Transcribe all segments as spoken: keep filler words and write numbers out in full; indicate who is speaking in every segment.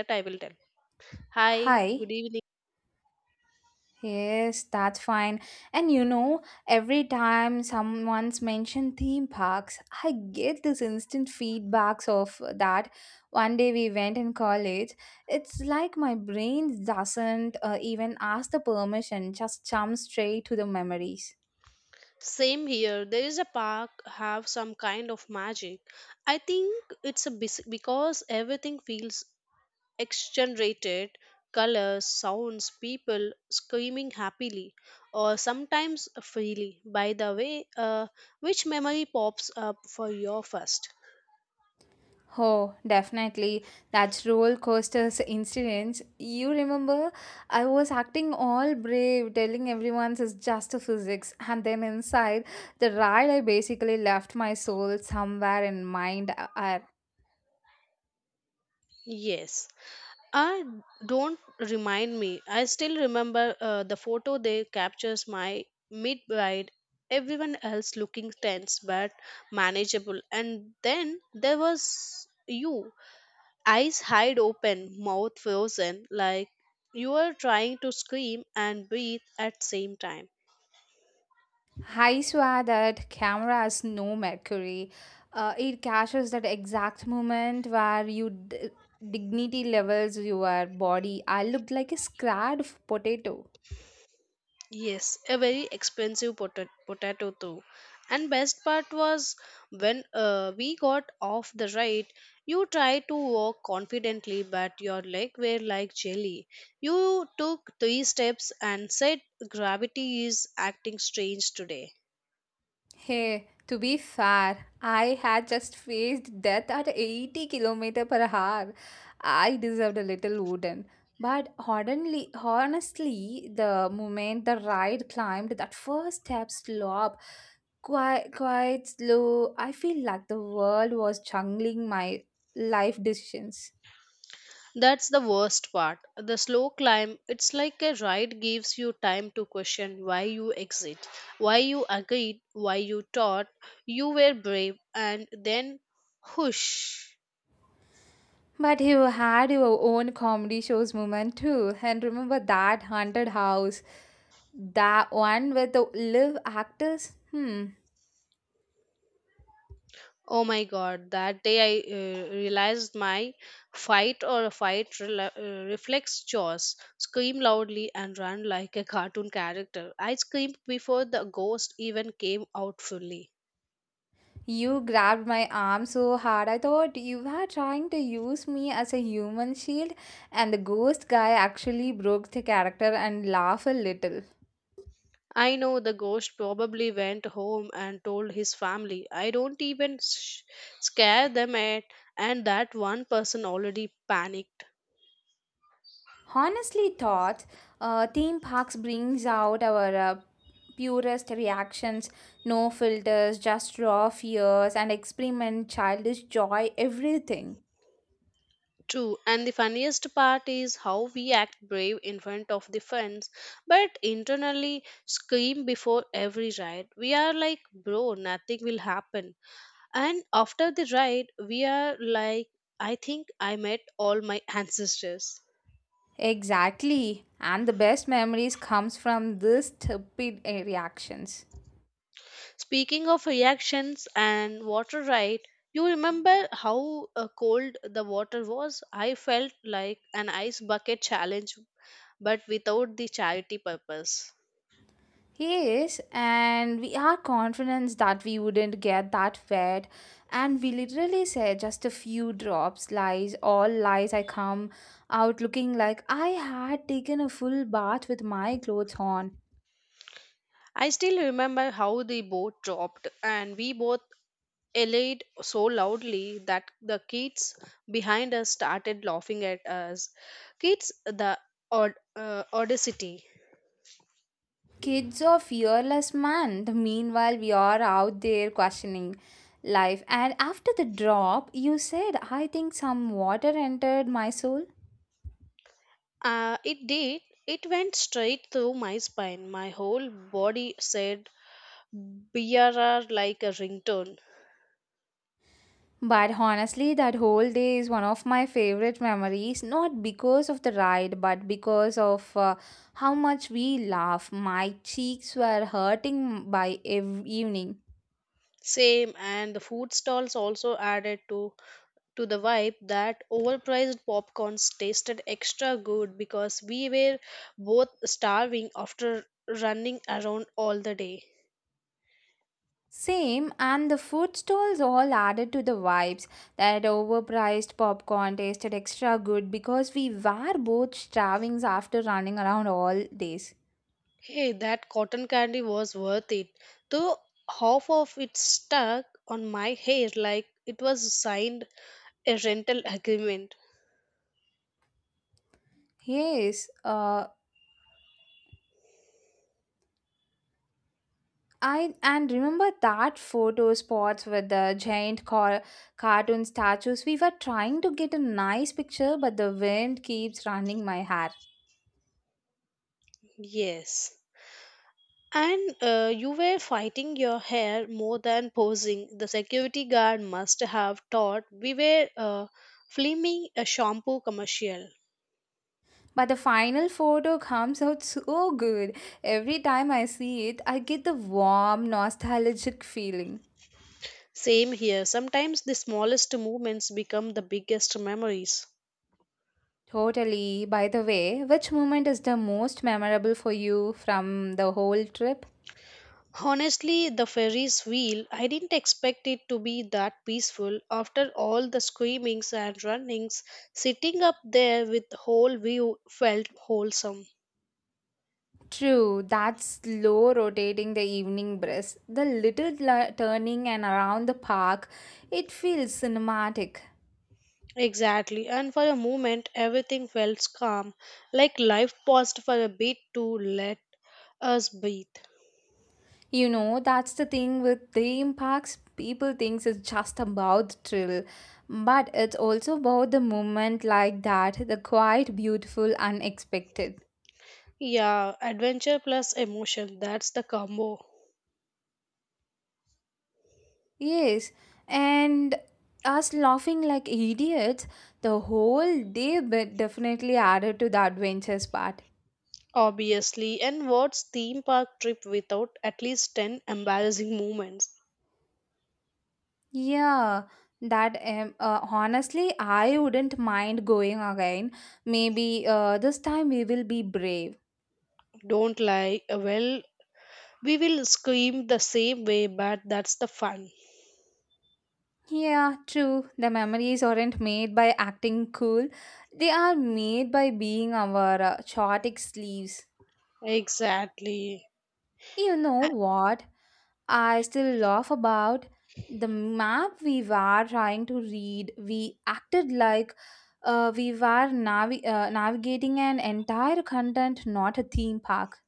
Speaker 1: That I will tell. Hi, good
Speaker 2: Hi.
Speaker 1: evening.
Speaker 2: Yes, that's fine. And you know, every time someone's mentioned theme parks, I get this instant feedbacks of that. One day we went in college. It's like my brain doesn't uh, even ask the permission, just jumps straight to the memories.
Speaker 1: Same here. There is a park have some kind of magic. I think it's a bes- because everything feels exaggerated, colors, sounds, people screaming happily or sometimes freely. By the way, uh, which memory pops up for your first?
Speaker 2: Oh, definitely. That roller coasters incident. You remember, I was acting all brave, telling everyone it's just a physics, and then inside the ride, I basically left my soul somewhere in mind. I,
Speaker 1: Yes. I don't remind me. I still remember uh, the photo they captures my mid ride. Everyone else looking tense but manageable. And then there was you, eyes wide open, mouth frozen, like you were trying to scream and breathe at same time.
Speaker 2: I swear that camera has no mercury. Uh, it catches that exact moment where you d- dignity levels your body. I looked like a scared potato.
Speaker 1: Yes, a very expensive pota- potato too. And best part was when uh, we got off the ride, you tried to walk confidently, but your leg were like jelly. You took three steps and said, "Gravity is acting strange today."
Speaker 2: Hey, to be fair, I had just faced death at eighty kilometers per hour. I deserved a little wooden. But honestly, honestly, the moment the ride climbed that first step slope, quite, quite slow, I feel like the world was jungling my life decisions.
Speaker 1: That's the worst part. The slow climb, it's like a ride gives you time to question why you exit, why you agreed, why you thought you were brave, and then whoosh.
Speaker 2: But you had your own comedy shows moment too. And remember that haunted house? That one with the live actors? Hmm.
Speaker 1: Oh my god, that day I uh, realized my fight or fight rela uh, reflex jaws, scream loudly and run like a cartoon character. I screamed before the ghost even came out fully.
Speaker 2: You grabbed my arm so hard, I thought you were trying to use me as a human shield, and the ghost guy actually broke the character and laughed a little.
Speaker 1: I know the ghost probably went home and told his family. I don't even sh- scare them at, and that one person already panicked.
Speaker 2: Honestly thought uh, theme parks brings out our uh, purest reactions, no filters, just raw fears and experiment childish joy everything.
Speaker 1: True, and the funniest part is how we act brave in front of the fans, but internally scream before every ride. We are like, bro, nothing will happen. And after the ride, we are like, I think I met all my ancestors.
Speaker 2: Exactly, and the best memories comes from this stupid uh, reactions.
Speaker 1: Speaking of reactions and water ride, you remember how uh, cold the water was? I felt like an ice bucket challenge, but without the charity purpose.
Speaker 2: Yes, and we are confident that we wouldn't get that wet. And we literally said just a few drops, lies, all lies. I come out looking like I had taken a full bath with my clothes on.
Speaker 1: I still remember how the boat dropped, and we both yelled so loudly that the kids behind us started laughing at us. Kids, the od- uh, audacity.
Speaker 2: Kids are fearless, man. The meanwhile, we are out there questioning life. And after the drop, you said, I think some water entered my soul.
Speaker 1: Uh, it did. It went straight through my spine. My whole body said BRR like a ringtone.
Speaker 2: But honestly, that whole day is one of my favorite memories, not because of the ride, but because of uh, how much we laugh. My cheeks were hurting by ev- evening.
Speaker 1: Same, and the food stalls also added to to the vibe that overpriced popcorns tasted extra good because we were both starving after running around all the day.
Speaker 2: Same, and the food stalls all added to the vibes. That overpriced popcorn tasted extra good because we were both starving after running around all days.
Speaker 1: Hey, that cotton candy was worth it. Though half of it stuck on my hair like it was signed a rental agreement.
Speaker 2: Yes, uh, I and remember that photo spots with the giant car, cartoon statues. We were trying to get a nice picture, but the wind keeps running my hair.
Speaker 1: Yes. And uh, you were fighting your hair more than posing. The security guard must have thought we were uh, filming a shampoo commercial.
Speaker 2: But the final photo comes out so good. Every time I see it, I get the warm, nostalgic feeling.
Speaker 1: Same here. Sometimes the smallest movements become the biggest memories.
Speaker 2: Totally. By the way, which moment is the most memorable for you from the whole trip?
Speaker 1: Honestly, the Ferris wheel, I didn't expect it to be that peaceful. After all the screamings and runnings, sitting up there with the whole view felt wholesome.
Speaker 2: True, that slow rotating the evening breeze, the little la- turning and around the park, it feels cinematic.
Speaker 1: Exactly, and for a moment everything felt calm, like life paused for a bit to let us breathe.
Speaker 2: You know, that's the thing with theme parks, people thinks it's just about the thrill, but it's also about the moment like that, the quite beautiful unexpected.
Speaker 1: Yeah, adventure plus emotion, that's the combo.
Speaker 2: Yes, and us laughing like idiots, the whole day but definitely added to the adventures part.
Speaker 1: Obviously, and what's theme park trip without at least ten embarrassing moments?
Speaker 2: Yeah, that um, uh, honestly, I wouldn't mind going again. Maybe uh, this time we will be brave.
Speaker 1: Don't lie. Well, we will scream the same way, but that's the fun.
Speaker 2: Yeah, true. The memories aren't made by acting cool, they are made by being our uh, chaotic sleeves.
Speaker 1: Exactly.
Speaker 2: You know what? I still laugh about the map we were trying to read. We acted like uh, we were navi- uh, navigating an entire content, not a theme park.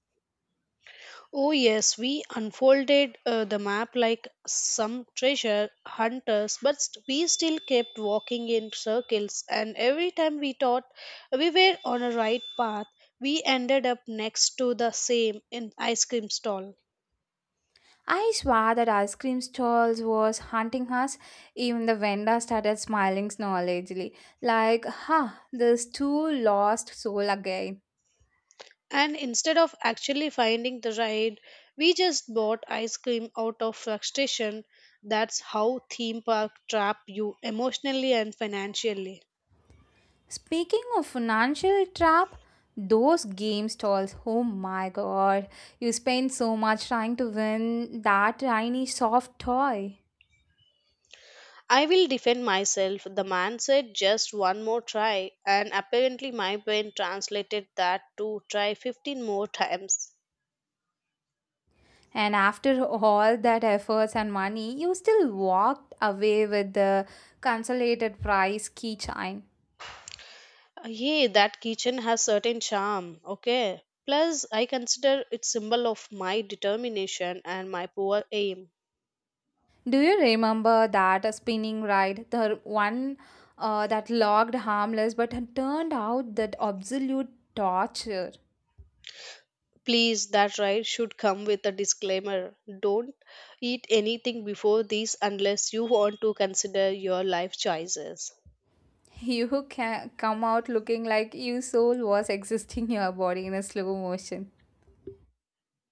Speaker 1: Oh, yes, we unfolded uh, the map like some treasure hunters, but st- we still kept walking in circles, and every time we thought we were on a right path, we ended up next to the same in ice cream stall.
Speaker 2: I swear that ice cream stalls was haunting us. Even the vendor started smiling knowledgeably, like, ha, this too lost soul again.
Speaker 1: And instead of actually finding the ride, we just bought ice cream out of frustration. That's how theme park trap you emotionally and financially.
Speaker 2: Speaking of financial trap, those game stalls, oh my god, you spend so much trying to win that tiny soft toy.
Speaker 1: I will defend myself. The man said just one more try, and apparently my brain translated that to try fifteen more times.
Speaker 2: And after all that efforts and money, you still walked away with the consolidated prize keychain.
Speaker 1: Uh, Yeah, that kitchen has certain charm, okay? Plus, I consider it symbol of my determination and my poor aim.
Speaker 2: Do you remember that spinning ride, the one uh, that looked harmless but had turned out that absolute torture?
Speaker 1: Please, that right should come with a disclaimer. Don't eat anything before this unless you want to consider your life choices.
Speaker 2: You can come out looking like your soul was existing in your body in a slow motion.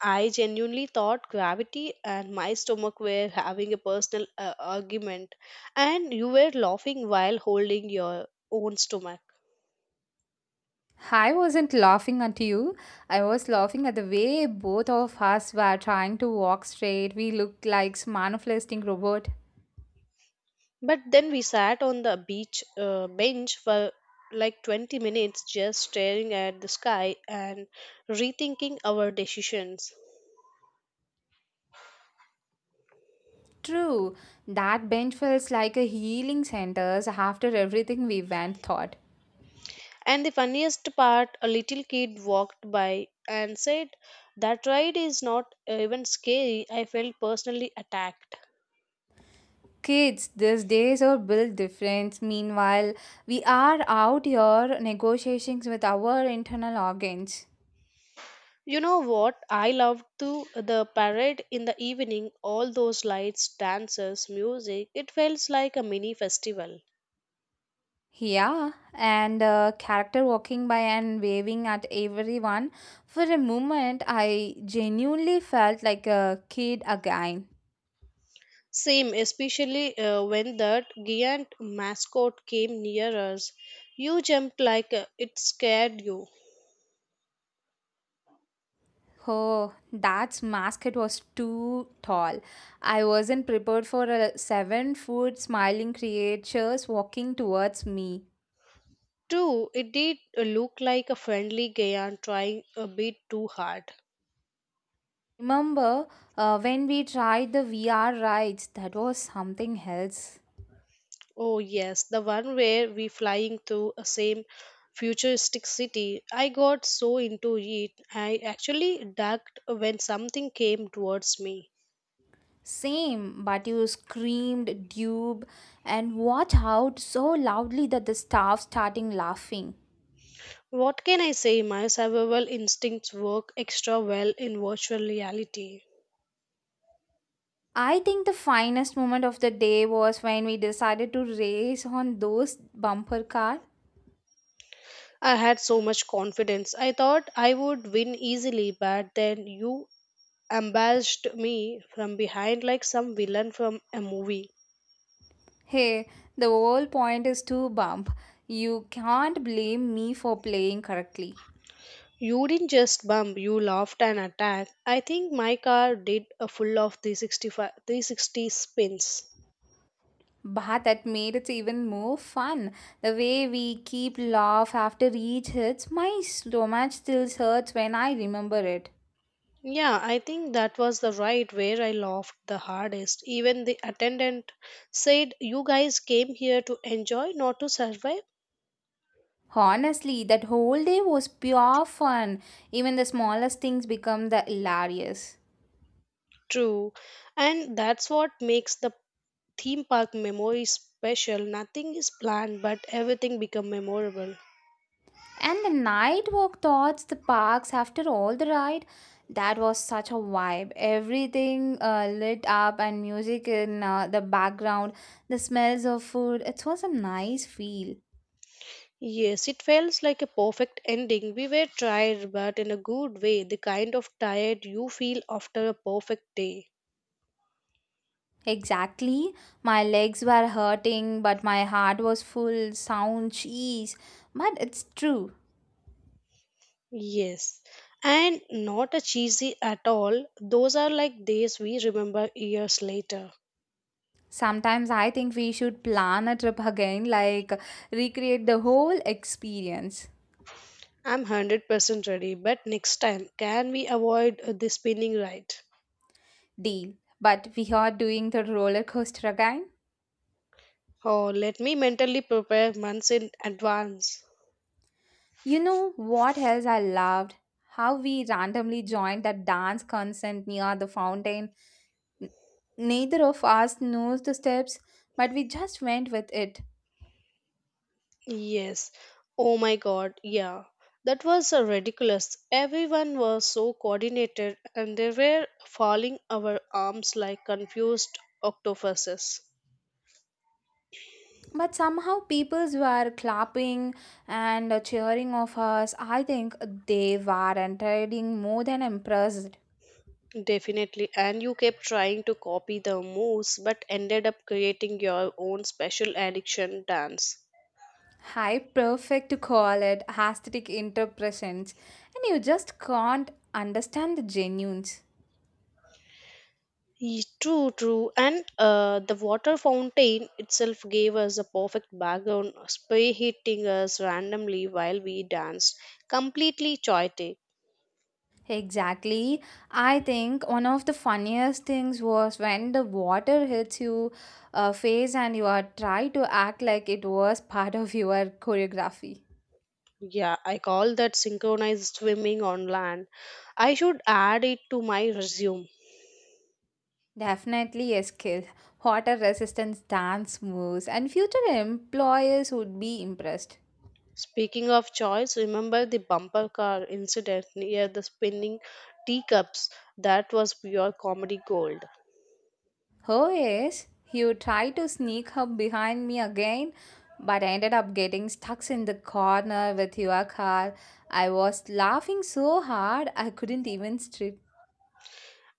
Speaker 1: I genuinely thought gravity and my stomach were having a personal uh, argument, and you were laughing while holding your own stomach.
Speaker 2: I wasn't laughing at you. I was laughing at the way both of us were trying to walk straight. We looked like manifesting robot.
Speaker 1: But then we sat on the beach uh, bench for like twenty minutes just staring at the sky and rethinking our decisions.
Speaker 2: True, that bench feels like a healing center after everything we went through.
Speaker 1: And the funniest part, a little kid walked by and said, "That ride is not even scary." I felt personally attacked.
Speaker 2: Kids these days are built different. Meanwhile, we are out here negotiations with our internal organs.
Speaker 1: You know what? I loved to the parade in the evening, all those lights, dancers, music. It felt like a mini festival.
Speaker 2: Yeah, and uh, character walking by and waving at everyone. For a moment, I genuinely felt like a kid again.
Speaker 1: Same, especially uh, when that giant mascot came near us. You jumped like uh, it scared you.
Speaker 2: Oh, that mascot was too tall. I wasn't prepared for a seven foot smiling creature walking towards me.
Speaker 1: True, it did uh, look like a friendly giant trying a bit too hard.
Speaker 2: Remember uh, when we tried the V R rides? That was something else.
Speaker 1: Oh yes, the one where we flying through a same futuristic city. I got so into it, I actually ducked when something came towards me.
Speaker 2: Same, but you screamed dupe and watch out so loudly that the staff starting laughing.
Speaker 1: What can I say? My survival instincts work extra well in virtual reality.
Speaker 2: I think the finest moment of the day was when we decided to race on those bumper car.
Speaker 1: I had so much confidence. I thought I would win easily, but then you ambushed me from behind like some villain from a movie.
Speaker 2: Hey, the whole point is to bump. You can't blame me for playing correctly.
Speaker 1: You didn't just bump, you laughed and attacked. I think my car did a full of three sixty-five, three sixty spins.
Speaker 2: Bah, that made it even more fun. The way we keep laugh after each hits, my stomach still hurts when I remember it.
Speaker 1: Yeah, I think that was the ride where I laughed the hardest. Even the attendant said, "You guys came here to enjoy, not to survive."
Speaker 2: Honestly, that whole day was pure fun. Even the smallest things become the hilarious.
Speaker 1: True. And that's what makes the theme park memory special. Nothing is planned, but everything become memorable.
Speaker 2: And the night walk towards the parks after all the ride, that was such a vibe. Everything uh, lit up and music in uh, the background, the smells of food. It was a nice feel.
Speaker 1: Yes, it feels like a perfect ending. We were tired, but in a good way, the kind of tired you feel after a perfect day.
Speaker 2: Exactly. My legs were hurting, but my heart was full. Sound cheese. But it's true.
Speaker 1: Yes, and not a cheesy at all. Those are like days we remember years later.
Speaker 2: Sometimes I think we should plan a trip again, like recreate the whole experience.
Speaker 1: I'm one hundred percent ready, but next time, can we avoid uh, the spinning ride?
Speaker 2: Deal. But we are doing the roller coaster again.
Speaker 1: Or let me mentally prepare months in advance.
Speaker 2: You know what else I loved? How we randomly joined that dance concert near the fountain. N- Neither of us knows the steps, but we just went with it.
Speaker 1: Yes. Oh my god, yeah. That was uh, ridiculous. Everyone was so coordinated and they were falling our arms like confused octopuses.
Speaker 2: But somehow peoples were clapping and cheering of us, I think they were entirely more than impressed.
Speaker 1: Definitely. And you kept trying to copy the moves but ended up creating your own special addiction dance.
Speaker 2: High perfect to call it aesthetic interpretations, and you just can't understand the genuines.
Speaker 1: Ye- True, true. And uh, the water fountain itself gave us a perfect background, spray hitting us randomly while we danced, completely chaotic.
Speaker 2: Exactly, I think one of the funniest things was when the water hits you uh, face and you are try to act like it was part of your choreography.
Speaker 1: Yeah, I call that synchronized swimming on land. I should add it to my resume.
Speaker 2: Definitely a skill. Water resistance dance moves, and future employers would be impressed.
Speaker 1: Speaking of choice, remember the bumper car incident near the spinning teacups? That was pure comedy gold.
Speaker 2: Oh yes, you tried to sneak up behind me again, but I ended up getting stuck in the corner with your car. I was laughing so hard I couldn't even strip.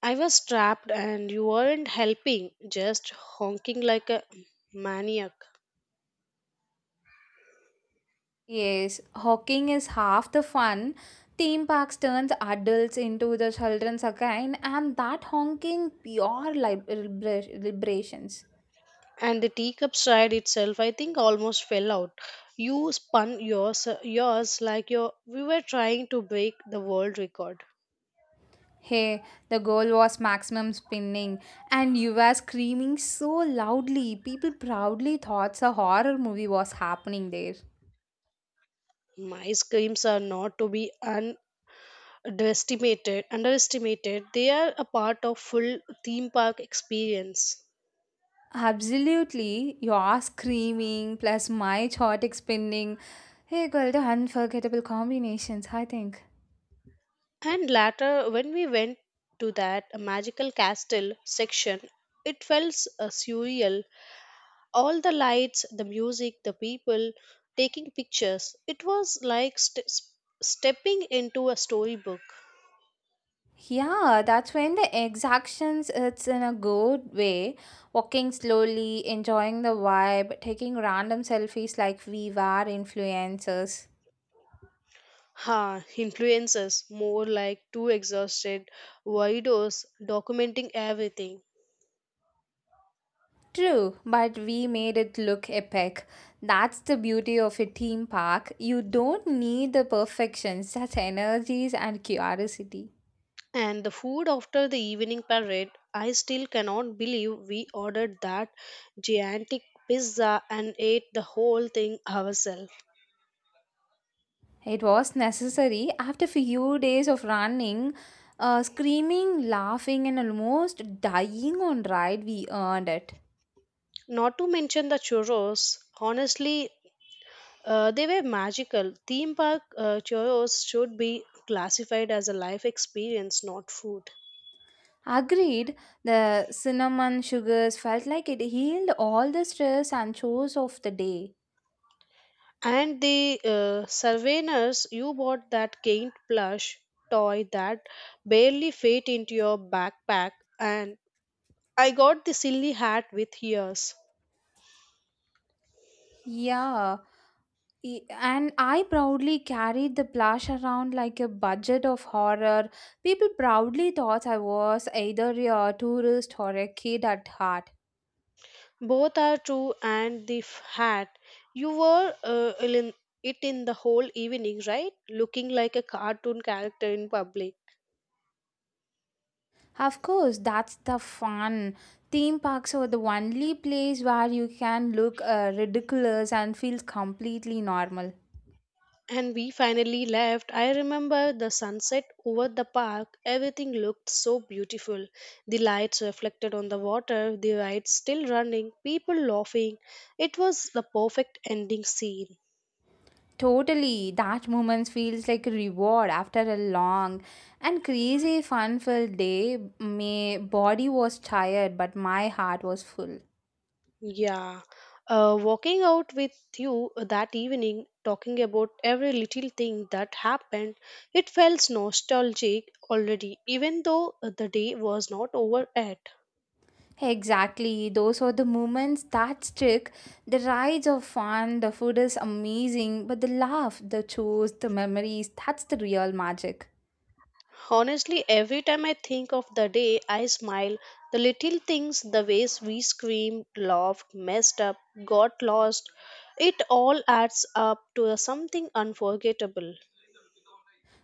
Speaker 1: I was trapped and you weren't helping, just honking like a maniac.
Speaker 2: Yes, hawking is half the fun. Theme parks turns adults into the childrens again, and that honking pure lib- liberations.
Speaker 1: And the teacups ride itself, I think, almost fell out. You spun yours, yours like your, we were trying to break the world record.
Speaker 2: Hey, the goal was maximum spinning, and you were screaming so loudly. People proudly thought a horror movie was happening there.
Speaker 1: Ice creams are not to be underestimated. Underestimated, they are a part of full theme park experience.
Speaker 2: Absolutely, your screaming plus my chaotic spinning. Hey, girl, the unforgettable combinations, I think.
Speaker 1: And later, when we went to that magical castle section, it felt uh, surreal. All the lights, the music, the people taking pictures. It was like st- stepping into a storybook.
Speaker 2: Yeah, that's when the exactions it's in a good way. Walking slowly, enjoying the vibe, taking random selfies like we were influencers.
Speaker 1: Ha, influencers, more like two exhausted weirdos documenting everything.
Speaker 2: True, but we made it look epic. That's the beauty of a theme park. You don't need the perfection, just energies and curiosity.
Speaker 1: And the food after the evening parade, I still cannot believe we ordered that gigantic pizza and ate the whole thing ourselves.
Speaker 2: It was necessary after few days of running, uh, screaming, laughing, and almost dying on ride. We earned it.
Speaker 1: Not to mention the churros. Honestly, uh, they were magical. Theme park uh, churros should be classified as a life experience, not food.
Speaker 2: Agreed. The cinnamon sugars felt like it healed all the stress and chores of the day.
Speaker 1: And the uh, surveyors, you bought that quaint plush toy that barely fit into your backpack and I got the silly hat with ears.
Speaker 2: Yeah. E- And I proudly carried the plush around like a budget of horror. People proudly thought I was either a tourist or a kid at heart.
Speaker 1: Both are true, and the f- hat. You wore uh, it in it in the whole evening, right? Looking like a cartoon character in public.
Speaker 2: Of course, that's the fun. Theme parks are the only place where you can look uh, ridiculous and feel completely normal.
Speaker 1: And we finally left. I remember the sunset over the park. Everything looked so beautiful. The lights reflected on the water, the rides still running, people laughing. It was the perfect ending scene.
Speaker 2: Totally, that moment feels like a reward after a long and crazy fun filled day. My body was tired, but my heart was full.
Speaker 1: Yeah. Uh, walking out with you that evening, talking about every little thing that happened, it felt nostalgic already, even though the day was not over yet.
Speaker 2: Exactly, those are the moments that stick. The rides are fun, the food is amazing, but the laugh, the chores, the memories that's the real magic.
Speaker 1: Honestly, every time I think of the day, I smile. The little things, the ways we screamed, laughed, messed up, got lost, it all adds up to something unforgettable.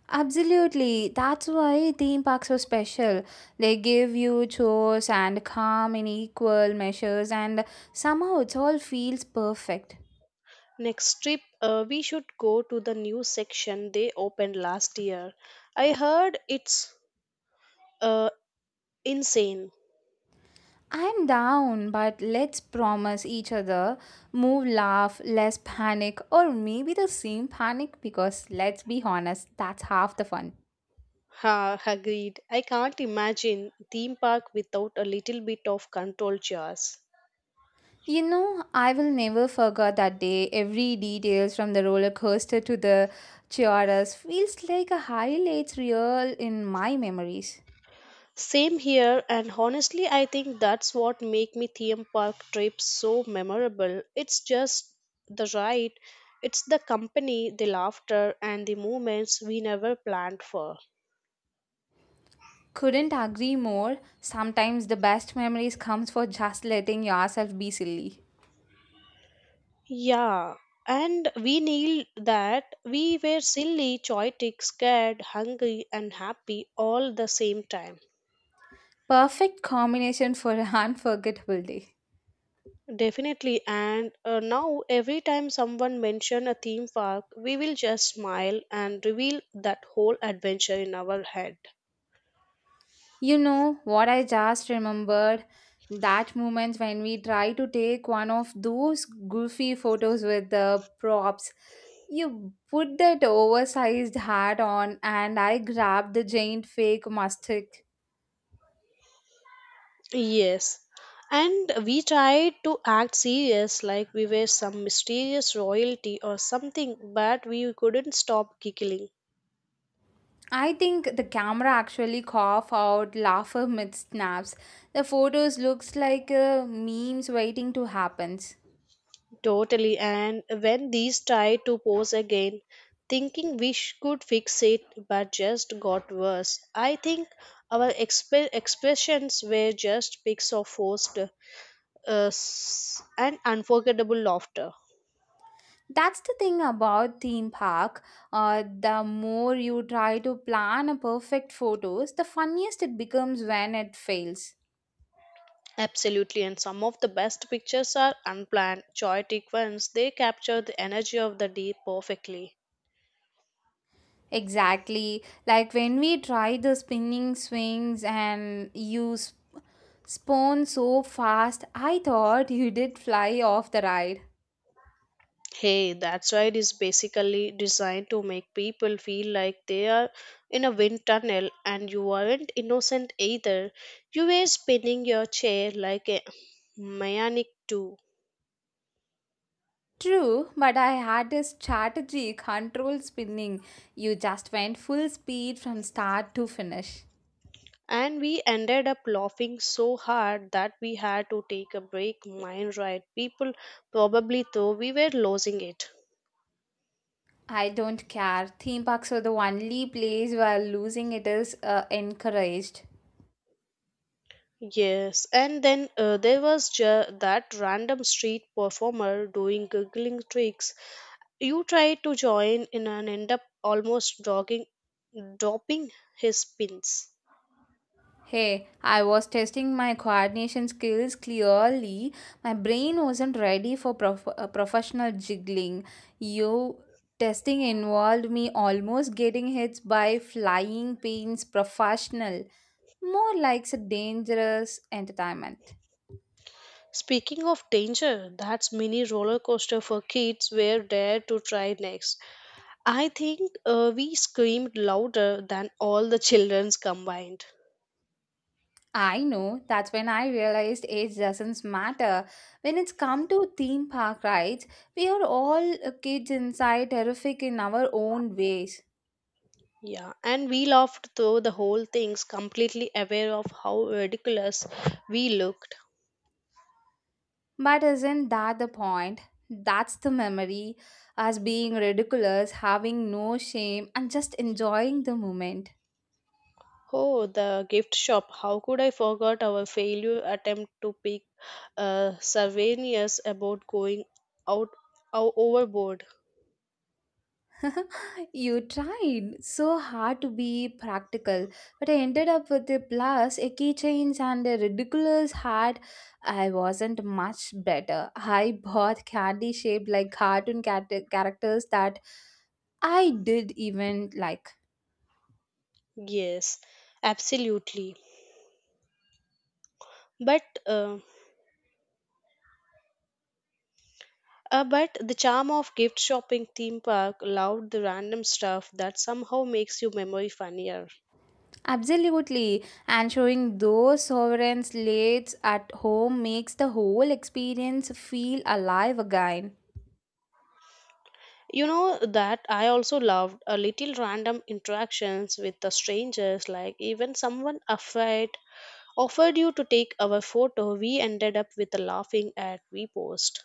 Speaker 2: Absolutely. That's why theme parks are special. They give you chores and calm in equal measures, and somehow it all feels perfect.
Speaker 1: Next trip, uh, we should go to the new section they opened last year. I heard it's uh, insane.
Speaker 2: I'm down, but let's promise each other move, laugh, less panic, or maybe the same panic because let's be honest, that's half the fun.
Speaker 1: Ha, agreed. I can't imagine theme park without a little bit of control jars.
Speaker 2: You know, I will never forget that day. Every details from the roller coaster to the tiaras feels like a highlights reel in my memories.
Speaker 1: Same here, and honestly, I think that's what make me theme park trips so memorable. It's just the ride, it's the company, the laughter, and the moments we never planned for.
Speaker 2: Couldn't agree more. Sometimes the best memories comes for just letting yourself be silly.
Speaker 1: Yeah, and we knew that we were silly, choitic, scared, hungry, and happy all the same time.
Speaker 2: Perfect combination for an unforgettable day.
Speaker 1: Definitely, and uh, now every time someone mention a theme park, we will just smile and reveal that whole adventure in our head.
Speaker 2: You know what I just remembered? That moment when we try to take one of those goofy photos with the props. You put that oversized hat on and I grabbed the giant fake mustache.
Speaker 1: Yes. And we tried to act serious like we were some mysterious royalty or something, but we couldn't stop giggling.
Speaker 2: I think the camera actually cough out laughter mid snaps. The photos looks like uh, memes waiting to happen.
Speaker 1: Totally. And when these tried to pose again, thinking we sh- could fix it, but just got worse. I think our exp- expressions were just pics of forced uh, s- and unforgettable laughter.
Speaker 2: That's the thing about theme park. Uh, the more you try to plan a perfect photos, the funniest it becomes when it fails.
Speaker 1: Absolutely, and some of the best pictures are unplanned, chaotic ones. They capture the energy of the day perfectly.
Speaker 2: Exactly, like when we tried the spinning swings and you sp- spun so fast, I thought you did fly off the ride.
Speaker 1: Hey, that's right is basically designed to make people feel like they are in a wind tunnel and you aren't innocent either. You were spinning your chair like a maniac too.
Speaker 2: True, but I had a strategy control spinning. You just went full speed from start to finish.
Speaker 1: And we ended up laughing so hard that we had to take a break. Mind right, people probably thought we were losing it.
Speaker 2: I don't care. Theme parks are the only place where losing it is uh, encouraged.
Speaker 1: Yes, and then uh, there was ju- that random street performer doing giggling tricks. You try to join in and end up almost drogging, dropping his pins.
Speaker 2: Hey, I was testing my coordination skills clearly. My brain wasn't ready for prof- uh, professional jiggling. You testing involved me almost getting hit by flying pins professional. More like a dangerous entertainment.
Speaker 1: Speaking of danger, that's mini roller coaster for kids were dare to try next. I think uh, we screamed louder than all the children's combined.
Speaker 2: I know that's when I realized age doesn't matter. When it's come to theme park rides, we are all uh, kids inside, terrific in our own ways.
Speaker 1: Yeah, and we laughed through the whole things, completely aware of how ridiculous we looked.
Speaker 2: But isn't that the point? That's the memory, us being ridiculous, having no shame, and just enjoying the moment.
Speaker 1: Oh, the gift shop. How could I forget our failure attempt to pick uh, souvenirs about going out, out overboard?
Speaker 2: You tried so hard to be practical, but I ended up with a plus, a keychains, and a ridiculous hat. I wasn't much better. I bought candy shaped like cartoon cat- characters that I did even like.
Speaker 1: Yes, absolutely. But uh, uh, but the charm of gift shopping theme park allowed the random stuff that somehow makes your memory funnier.
Speaker 2: Absolutely. And showing those sovereign slates at home makes the whole experience feel alive again.
Speaker 1: You know that I also loved a little random interactions with the strangers, like even someone afraid offered you to take our photo, we ended up with a laughing at we post.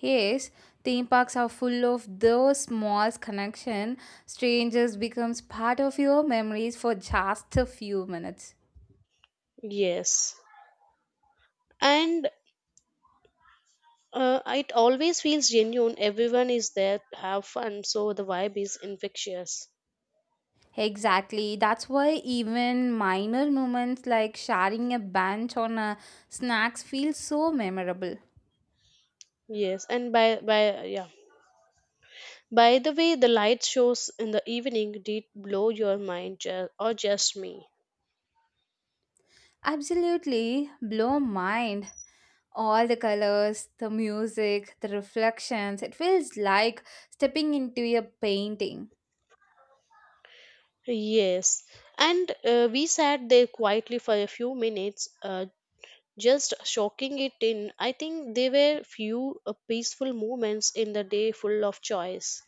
Speaker 2: Yes, theme parks are full of those small connections. Strangers becomes part of your memories for just a few minutes.
Speaker 1: Yes. And uh, it always feels genuine. Everyone is there to have fun, so the vibe is infectious.
Speaker 2: Exactly. That's why even minor moments like sharing a bench on a snacks feel so memorable.
Speaker 1: Yes, and by by yeah. By the way, the light shows in the evening did blow your mind, ju- or just me.
Speaker 2: Absolutely blow mind. All the colors, the music, the reflections. It feels like stepping into a painting.
Speaker 1: Yes, and uh, we sat there quietly for a few minutes, uh, just shocking it in. I think there were few uh, peaceful moments in the day full of choice.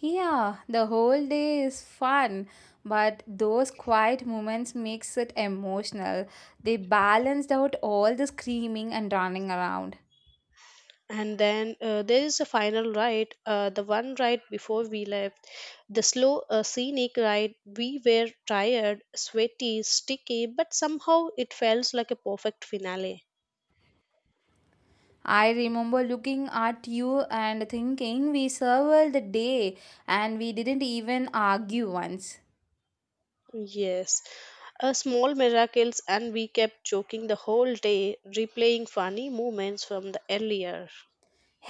Speaker 2: Yeah, the whole day is fun, but those quiet moments makes it emotional. They balanced out all the screaming and running around.
Speaker 1: And then uh, there is a final ride, uh, the one ride before we left, the slow uh, scenic ride. We were tired, sweaty, sticky, but somehow it felt like a perfect finale.
Speaker 2: I remember looking at you and thinking we survived the day and we didn't even argue once.
Speaker 1: Yes, a small miracles, and we kept joking the whole day, replaying funny moments from the earlier.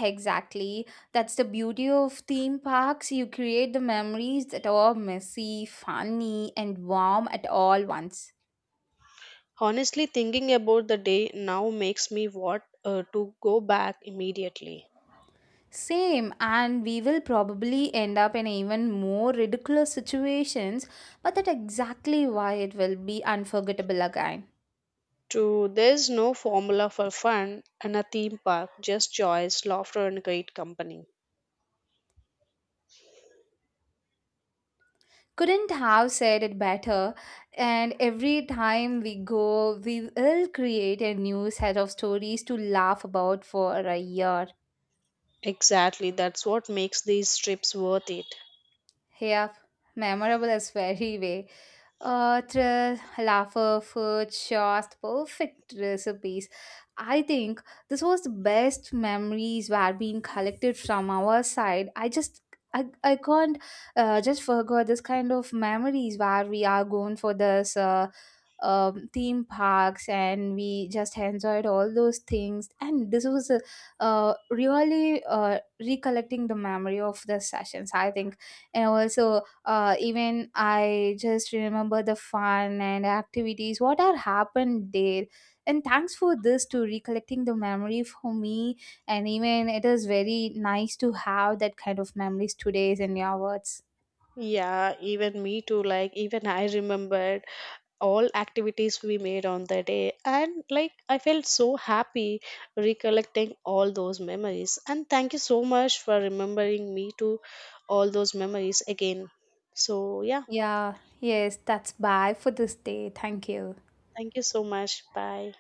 Speaker 2: Exactly. That's the beauty of theme parks. You create the memories that are messy, funny, and warm at all once.
Speaker 1: Honestly, thinking about the day now makes me want uh, to go back immediately.
Speaker 2: Same, and we will probably end up in even more ridiculous situations, but that's exactly why it will be unforgettable again.
Speaker 1: To there's no formula for fun in a theme park, just joys, laughter, and great company.
Speaker 2: Couldn't have said it better, and every time we go, we will create a new set of stories to laugh about for a year.
Speaker 1: Exactly, that's what makes these trips worth it.
Speaker 2: Yeah, memorable is very way. Uh, thrill, laughter, food, shots, perfect recipes. I think this was the best memories were being collected from our side. I just I, I can't uh, just forget this kind of memories where we are going for this uh, um, theme parks and we just enjoyed all those things and this was uh, uh, really uh, recollecting the memory of the sessions, I think, and also uh, even I just remember the fun and activities what had happened there, and thanks for this to recollecting the memory for me, and even it is very nice to have that kind of memories today in your words.
Speaker 1: Yeah, even me too. Like, even I remembered all activities we made on the day, and like, I felt so happy recollecting all those memories. And thank you so much for remembering me to all those memories again. So yeah,
Speaker 2: Yeah. Yes, that's bye for this day. Thank you.
Speaker 1: thank you so much. Bye.